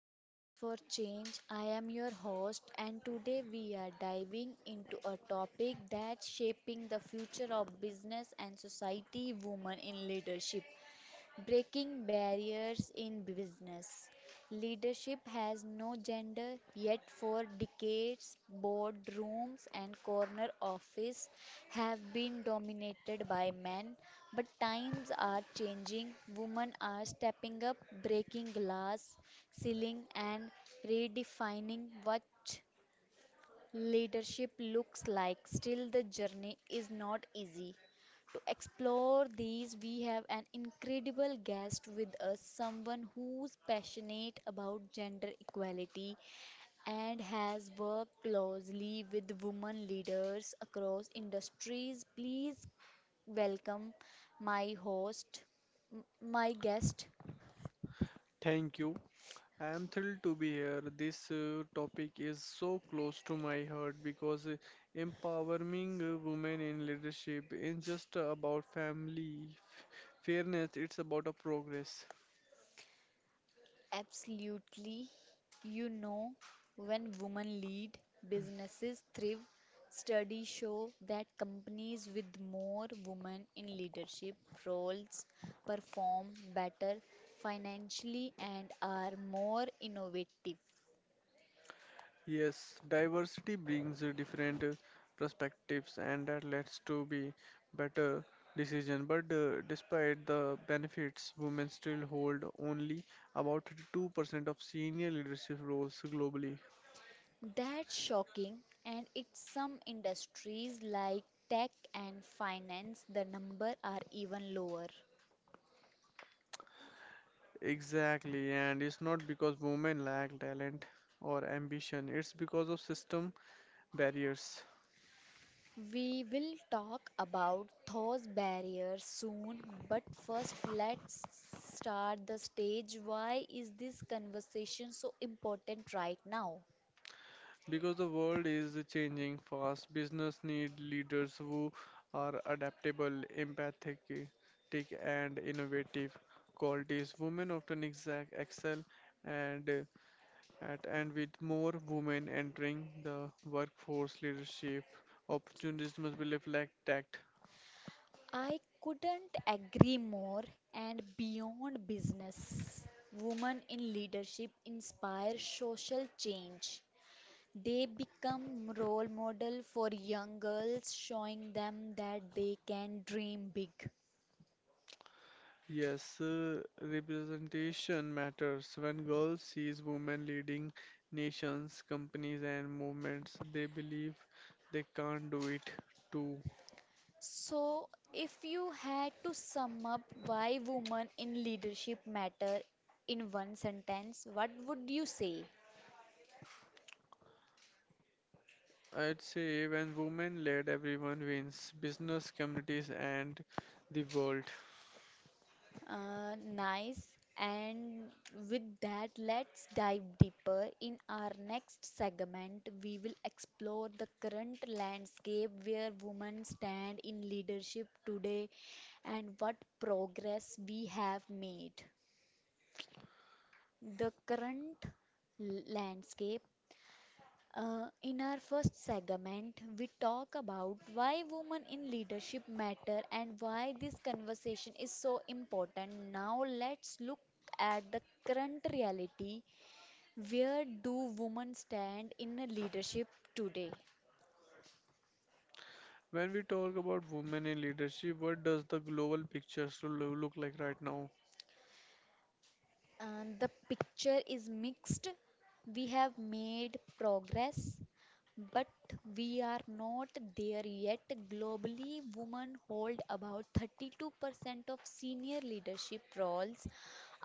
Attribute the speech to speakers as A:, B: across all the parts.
A: to Voices for Change. I am your host, and today we are diving into a topic that's shaping the future of business and society, women in leadership. Breaking barriers in business. Leadership has no gender, yet, for decades, boardrooms and corner office have been dominated by men. But times are changing. Women are stepping up, breaking glass ceiling, and redefining what leadership looks like. Still, the journey is not easy. To explore these, we have an incredible guest with us, someone who's passionate about gender equality and has worked closely with women leaders across industries. Please welcome my host, my guest,
B: Thank you. I am thrilled to be here. This topic is so close to my heart because empowering women in leadership is just about family fairness, it's about a progress.
A: absolutely. You know, when women lead, businesses thrive. Studies show that companies with more women in leadership roles perform better financially and are more innovative.
B: Yes, diversity brings different perspectives and that leads to be better decision. But despite the benefits, women still hold only about 32% of senior leadership roles globally.
A: That's shocking, and in some industries like tech and finance, the number are even lower.
B: Exactly, and it's not because women lack talent or ambition, it's because of system barriers.
A: We will talk about those barriers soon, but first let's start the stage. Why is this conversation so important right now?
B: Because the world is changing fast, business need leaders who are adaptable, empathic, take and innovative qualities. Women often exact excel and at and with more women entering the workforce leadership opportunities must be reflected.
A: I couldn't agree more. And beyond business, women in leadership inspire social change. They become role model for young girls, showing them that they can dream big.
B: Yes, representation matters. When girls sees women leading nations, companies, and movements, they believe they can't do it too.
A: So, if you had to sum up why women in leadership matter in one sentence, what would you say?
B: I'd say when women led, everyone wins, business, communities, and the world.
A: Nice. And with that, let's dive deeper. In our next segment, we will explore the current landscape where women stand in leadership today and what progress we have made. The current landscape. In our first segment, we talk about why women in leadership matter and why this conversation is so important. Now, let's look at the current reality. Where do women stand in a leadership today?
B: When we talk about women in leadership, what does the global picture so look like right now?
A: And the picture is mixed. We have made progress, but we are not there yet. Globally, women hold about 32% of senior leadership roles,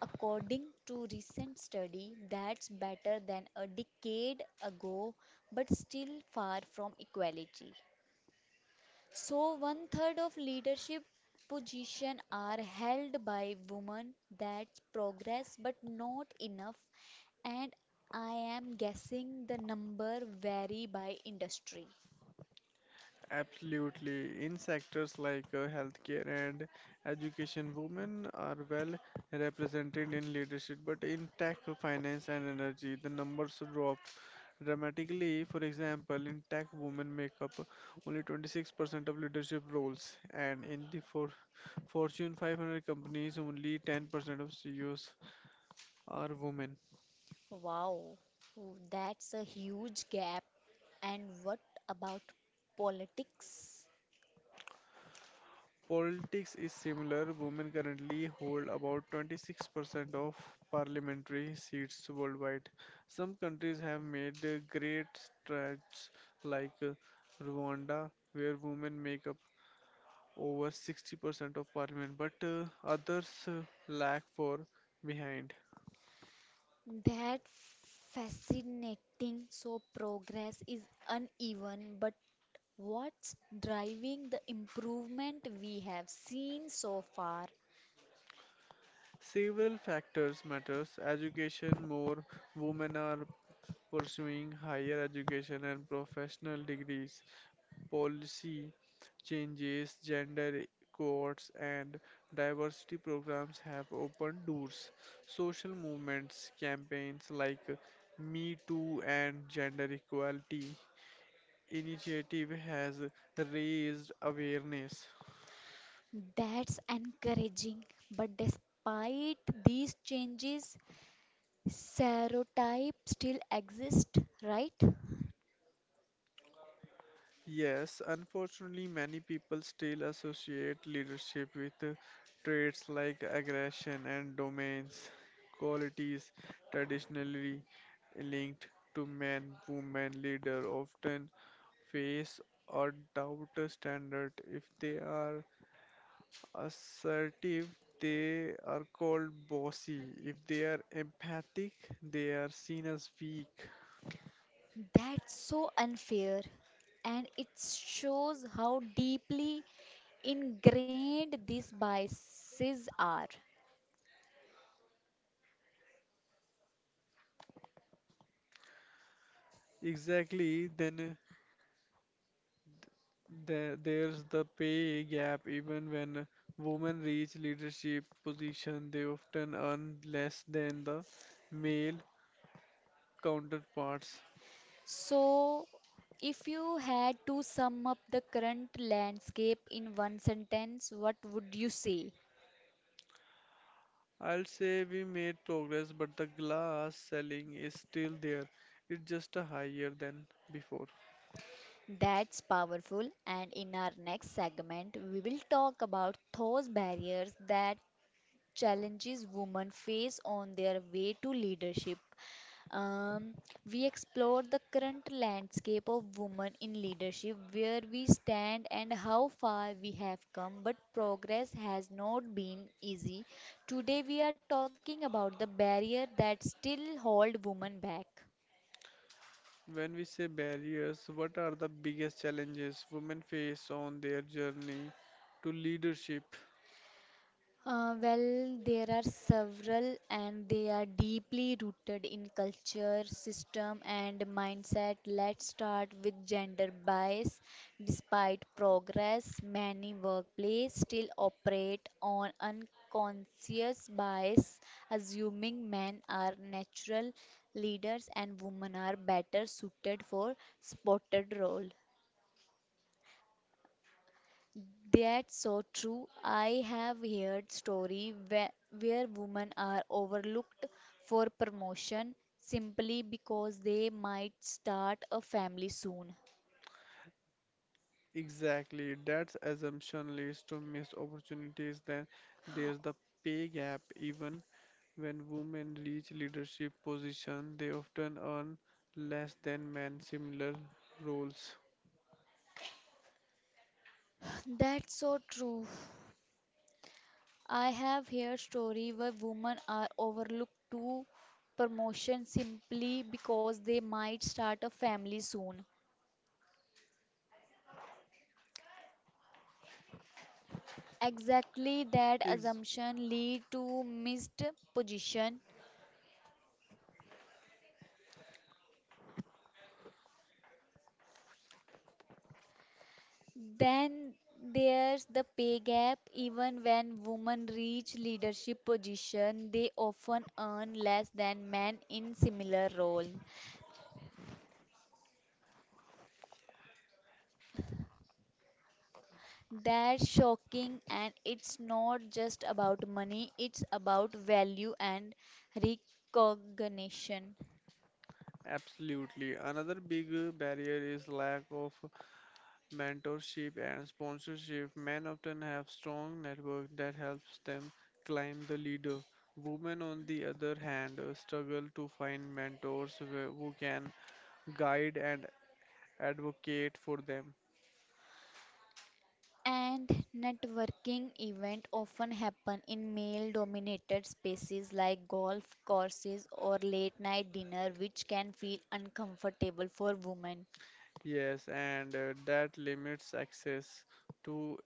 A: according to recent study. That's better than a decade ago, but still far from equality. So one third of leadership position are held by women. That's progress, but not enough. And I am guessing the number vary by industry.
B: Absolutely. In sectors like healthcare and education, women are well represented in leadership, but in tech, finance, and energy, the numbers drop dramatically. For example, in tech, women make up only 26% of leadership roles, and in the Fortune 500 companies, only 10% of CEOs are women.
A: Wow. Oh, that's a huge gap. And what about politics?
B: Politics is similar. Women currently hold about 26% of parliamentary seats worldwide. Some countries have made great strides, like Rwanda, where women make up over 60% of parliament, but others lag for behind.
A: That's fascinating. So progress is uneven, but what's driving the improvement we have seen so far?
B: Several factors matters. Education, more women are pursuing higher education and professional degrees. Policy changes, gender quotas, and diversity programs have opened doors. Social movements, campaigns like Me Too and Gender Equality Initiative has raised awareness.
A: That's encouraging. But despite these changes, serotype still exists, right?
B: Yes, unfortunately, many people still associate leadership with traits like aggression and domains, qualities traditionally linked to men, women, leader often face or doubt a standard. If they are assertive, they are called bossy. If they are empathic, they are seen as weak.
A: That's so unfair. And it shows how deeply ingrained these biases are.
B: Exactly, then there's the pay gap. Even when women reach leadership position, they often earn less than the male counterparts.
A: So, if you had to sum up the current landscape in one sentence, what would you say?
B: I'll say we made progress, but the glass selling is still there. It's just a higher than before.
A: That's powerful. And in our next segment, we will talk about those barriers that challenges women face on their way to leadership. Um, we explore the current landscape of women in leadership, where we stand and how far we have come, but progress has not been easy. Today, we are talking about the barrier that still hold women back.
B: When we say barriers, what are the biggest challenges women face on their journey to leadership?
A: Well, there are several, and they are deeply rooted in culture, system, and mindset. Let's start with gender bias. Despite progress, many workplaces still operate on unconscious bias, assuming men are natural leaders and women are better suited for spotted role. That's so true. I have heard story where women are overlooked for promotion simply because they might start a family soon.
B: Exactly, that assumption leads to missed opportunities. Then there's the pay gap. Even when women reach leadership position, they often earn less than men similar roles.
A: That's so true. I have heard story where women are overlooked to promotion simply because they might start a family soon. Exactly that
B: Ex-
A: assumption lead to missed position. Then there's the pay gap. Even when women reach leadership position, they often earn less than men in similar role. That's shocking, and it's not just about money, it's about value and recognition.
B: Absolutely. Another big barrier is lack of mentorship, and sponsorship, men often have strong network that helps them climb the leader. Women, on the other hand, struggle to find mentors who can guide and advocate for them.
A: And networking events often happen in male dominated spaces like golf courses or late night dinner, which can feel uncomfortable for women.
B: Yes, and that limits access to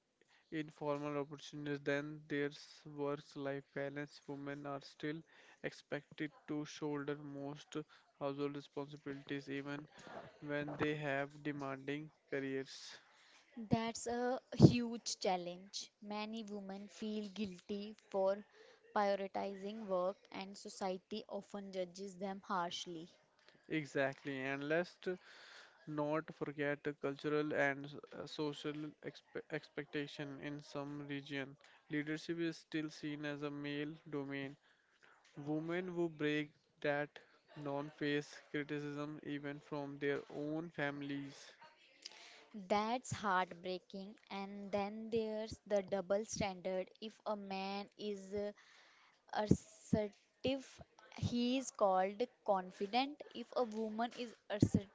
B: informal opportunities. Then there's work-life balance. Women are still expected to shoulder most household responsibilities, even when they have demanding careers.
A: That's a huge challenge. Many women feel guilty for prioritizing work, and society often judges them harshly.
B: Exactly, and let's not forget the cultural and social expectation in some region. Leadership is still seen as a male domain. Women who break that non face criticism even from their own families.
A: That's heartbreaking. And then there's the double standard. If a man is assertive, he is called confident. If a woman is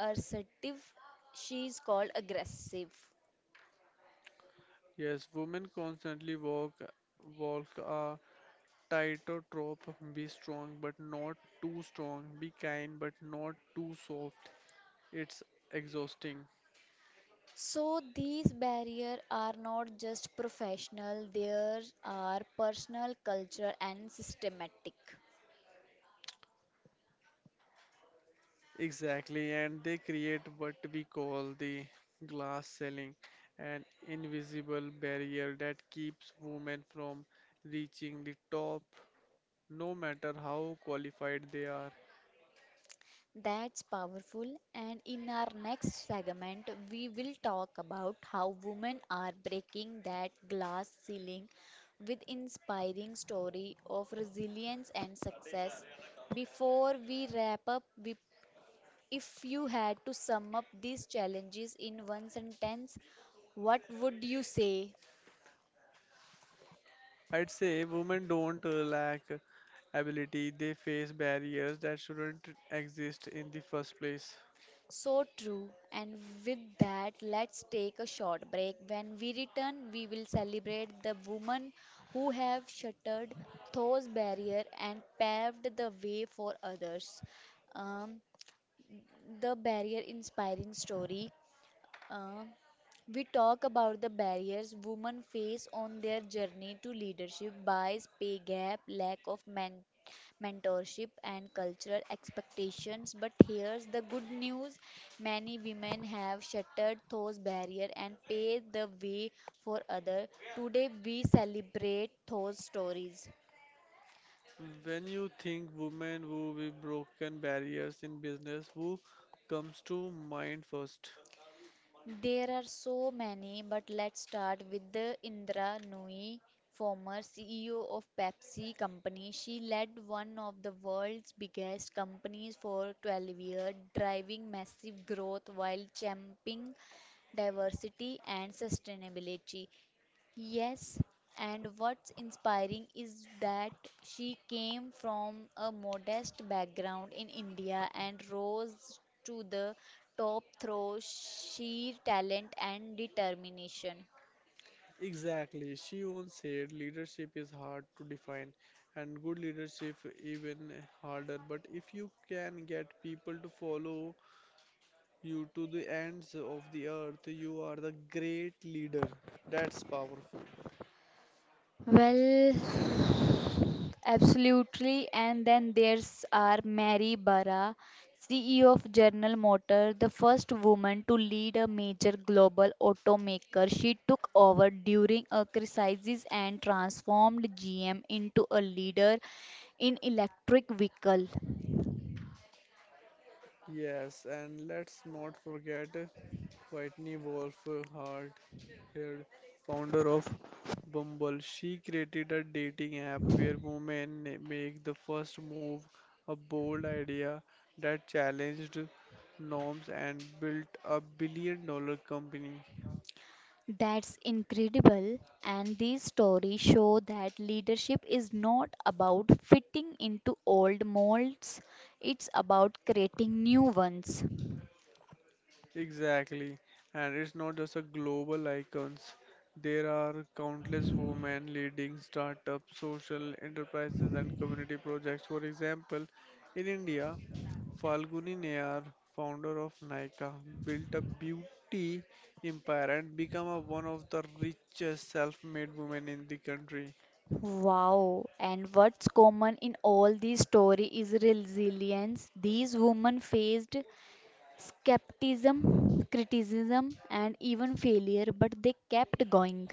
A: assertive, she is called aggressive.
B: Yes, women constantly walk a tighter trope. Be strong but not too strong. Be kind but not too soft. It's exhausting.
A: So these barriers are not just professional, there are personal, cultural and systematic.
B: Exactly, and they create what we call the glass ceiling, an invisible barrier that keeps women from reaching the top, no matter how qualified they are.
A: That's powerful, and in our next segment we will talk about how women are breaking that glass ceiling with inspiring story of resilience and success. Before we wrap up, if you had to sum up these challenges in one sentence, what would you say?
B: I'd say women don't lack ability, they face barriers that shouldn't exist in the first place.
A: So true. And with that, let's take a short break. When we return, we will celebrate the women who have shattered those barriers and paved the way for others. Um, the barrier inspiring story. Uh, we talk about the barriers women face on their journey to leadership bias, pay gap, lack of mentorship, and cultural expectations. But here's the good news, many women have shattered those barriers and paved the way for others. Today, we celebrate those stories.
B: When you think women who have broken barriers in business, who comes to mind first?
A: There are so many, but let's start with the Indra Nooyi, former CEO of Pepsi Company. She led one of the world's biggest companies for 12 years, driving massive growth while championing diversity and sustainability. Yes, and what's inspiring is that she came from a modest background in India and rose to the top through sheer talent and determination.
B: Exactly. She once said leadership is hard to define and good leadership even harder. But if you can get people to follow you to the ends of the earth, you are the great leader. That's powerful.
A: Well, absolutely. And then there's our Mary Barra, CEO of General Motors, the first woman to lead a major global automaker. She took over during a crisis and transformed GM into a leader in electric vehicle.
B: Yes, and let's not forget Whitney Wolf, her Heard, founder of Bumble. She created a dating app where women make the first move, a bold idea that challenged norms and built a $1 billion company.
A: That's incredible. And these stories show that leadership is not about fitting into old molds, it's about creating new ones.
B: Exactly. And it's not just a global icons. There are countless women leading startups, social enterprises and community projects. For example, in India, Falguni Nayar, founder of Nykaa, built a beauty empire and became one of the richest self-made women in the country.
A: Wow, and what's common in all these stories is resilience. These women faced skepticism, criticism, and even failure, but they kept going.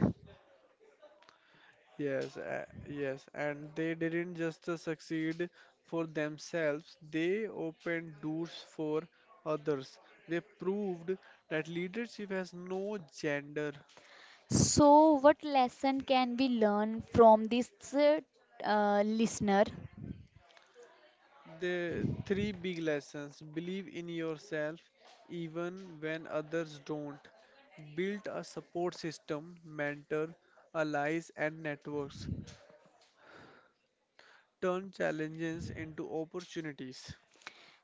B: Yes, and they didn't just succeed for themselves, they opened doors for others. They proved that leadership has no gender.
A: So, what lesson can we learn from this listener?
B: The three big lessons believe in yourself even when others don't, build a support system, mentor, allies, and networks, turn challenges into opportunities,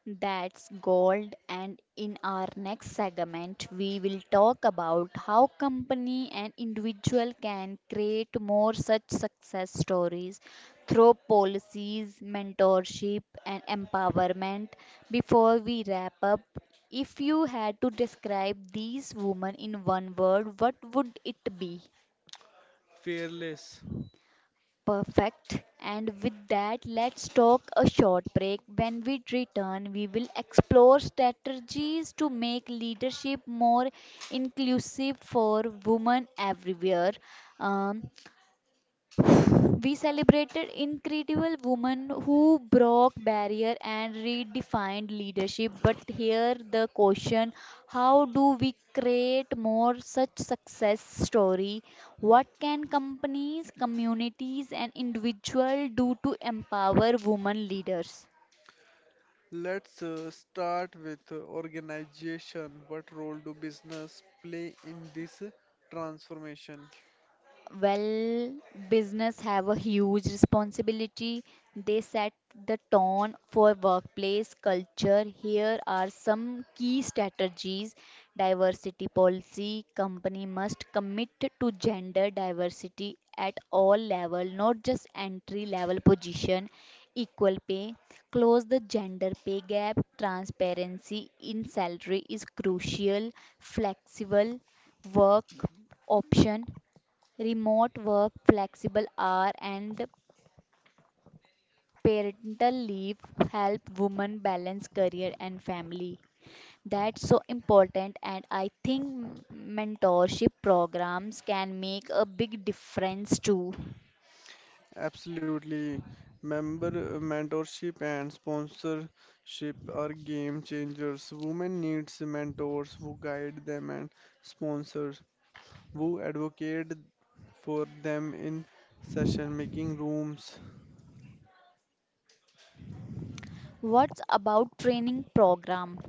A: That's gold. And in our next segment, we will talk about how company and individual can create more such success stories through policies, mentorship, and empowerment. Before we wrap up, if you had to describe these women in one word, what would it be?
B: fearless.
A: Perfect. And with that, let's talk a short break. When we return, we will explore strategies to make leadership more inclusive for women everywhere. Um, we celebrated incredible women who broke barrier and redefined leadership. But here the question, how do we create more such success story? What can companies, communities and individual do to empower women leaders?
B: Let's start with organization. What role do business play in this transformation?
A: Well, business have a huge responsibility. They set the tone for workplace culture. Here are some key strategies. Diversity policy. Company must commit to gender diversity at all level, not just entry level position. Equal pay. Close the gender pay gap. Transparency in salary is crucial. Flexible work option. Remote work, flexible hour, and parental leave help women balance career and family. That's so important, and I think mentorship programs can make a big difference too.
B: Absolutely. Member Mentorship and sponsorship are game changers. Women needs mentors who guide them and sponsors who advocate for them in session making rooms.
A: What's about training program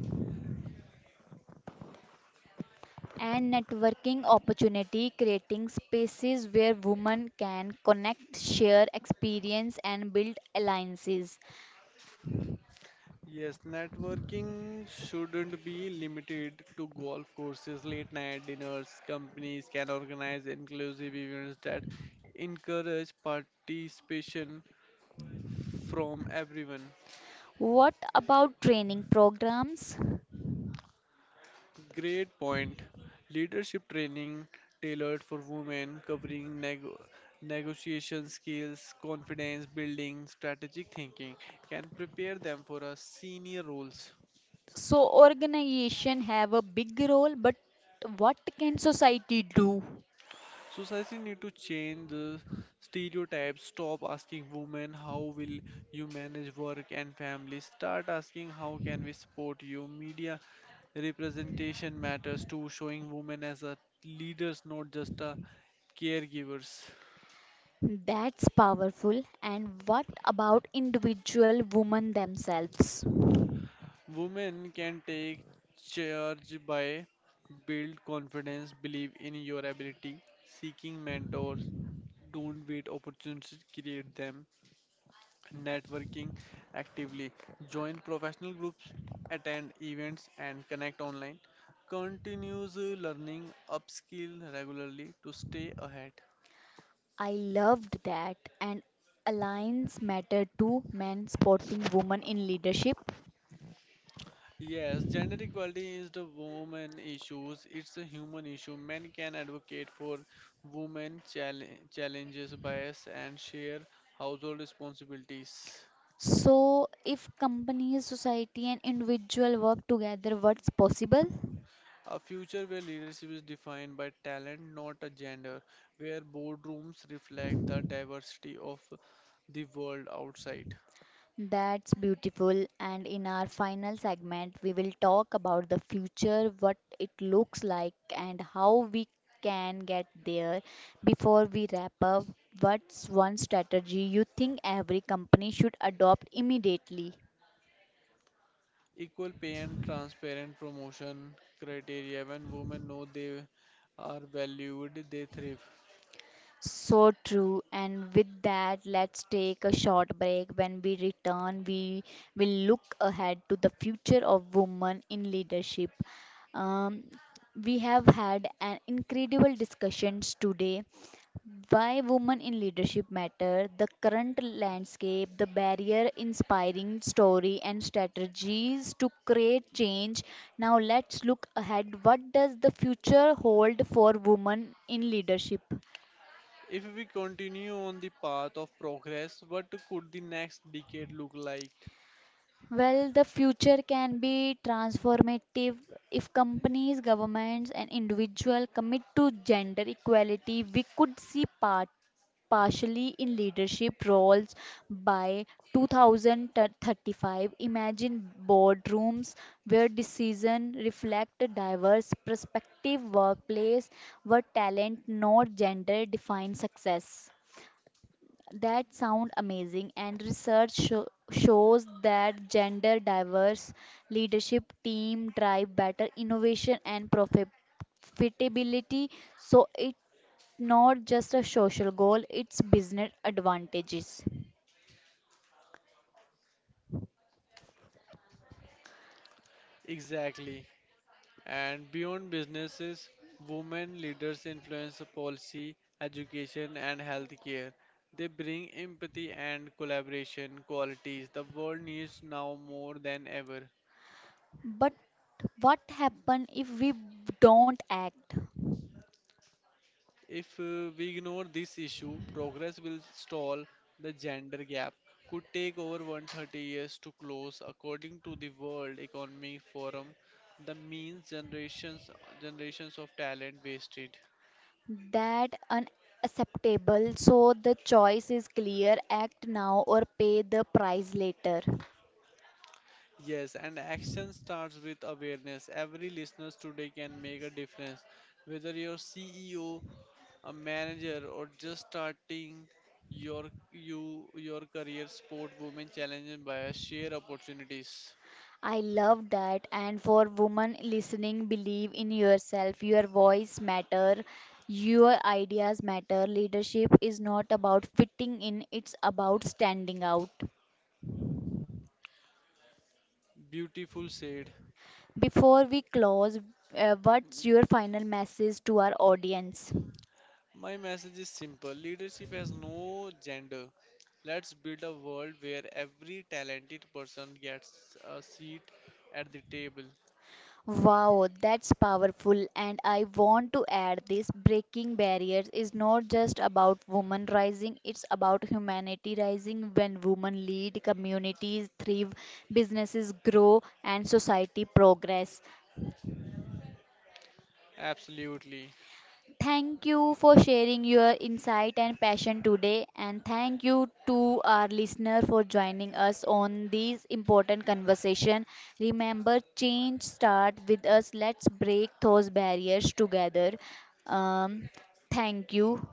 A: and networking opportunity, creating spaces where women can connect, share experience, and build alliances?
B: Yes, networking shouldn't be limited to golf courses, late night dinners. Companies can organize inclusive events that encourage participation from everyone.
A: What about training programs?
B: Great point. Leadership training tailored for women, covering negotiation skills, confidence building, strategic thinking, can prepare them for a senior roles.
A: So organization have a big role, but what can society do?
B: Society need to change the stereotypes. Stop asking women how will you manage work and family. Start asking how can we support you. Media representation matters too, showing women as a leaders, not just a caregivers.
A: That's powerful. And what about individual women themselves?
B: Women can take charge by build confidence, believe in your ability, seeking mentors. Don't wait opportunities, create them. Networking actively, join professional groups, attend events, and connect online. Continues learning, upskill regularly to stay ahead.
A: I loved that. And alliance matter to men supporting women in leadership.
B: Yes, gender equality is the woman issues. It's a human issue. Men can advocate for women challenges, bias, and share household responsibilities.
A: So, if companies, society, and individual work together, what's possible?
B: A future where leadership is defined by talent, not a gender, where boardrooms reflect the diversity of the world outside.
A: That's beautiful. And in our final segment, we will talk about the future, what it looks like, and how we can get there. Before we wrap up, what's one strategy you think every company should adopt immediately?
B: Equal pay and transparent promotion criteria when women know they are valued, they thrive.
A: So true. And with that, let's take a short break. When we return, we will look ahead to the future of women in leadership. Um, we have had an incredible discussions today, why women in leadership matter, the current landscape, the barrier inspiring story, and strategies to create change. Now let's look ahead, what does the future hold for women in leadership?
B: If we continue on the path of progress, what could the next decade look like?
A: Well, the future can be transformative if companies, governments, and individuals commit to gender equality. We could see partially in leadership roles by 2035. Imagine boardrooms where decisions reflect a diverse perspective, workplace where talent, not gender, defines success. That sound amazing, and research shows that gender diverse leadership team drive better innovation and profitability. So it's not just a social goal; it's business advantages.
B: Exactly. And beyond businesses, women leaders influence policy, education, and healthcare. They bring empathy and collaboration qualities the world needs now more than ever.
A: But what happens if we don't act?
B: If we ignore this issue, progress will stall. The gender gap could take over 130 years to close, according to the World Economic Forum. The means generations of talent wasted.
A: That unacceptable. So the choice is clear: act now or pay the price later.
B: Yes, and action starts with awareness. Every listener today can make a difference. Whether you're CEO, a manager, or just starting your your career, sport women challenged by share opportunities.
A: I love that. And for women listening, believe in yourself. Your voice matter. Your ideas matter. Leadership is not about fitting in, it's about standing out.
B: Beautiful said.
A: Before we close, what's your final message to our audience?
B: My message is simple. Leadership has no gender. Let's build a world where every talented person gets a seat at the table.
A: Wow, that's powerful. And I want to add this breaking barriers is not just about women rising, it's about humanity rising. When women lead, communities thrive, businesses grow, and society progress.
B: Absolutely.
A: Thank you for sharing your insight and passion today, and thank you to our listener for joining us on this important conversation. Remember, change starts with us. Let's break those barriers together. Um, thank you.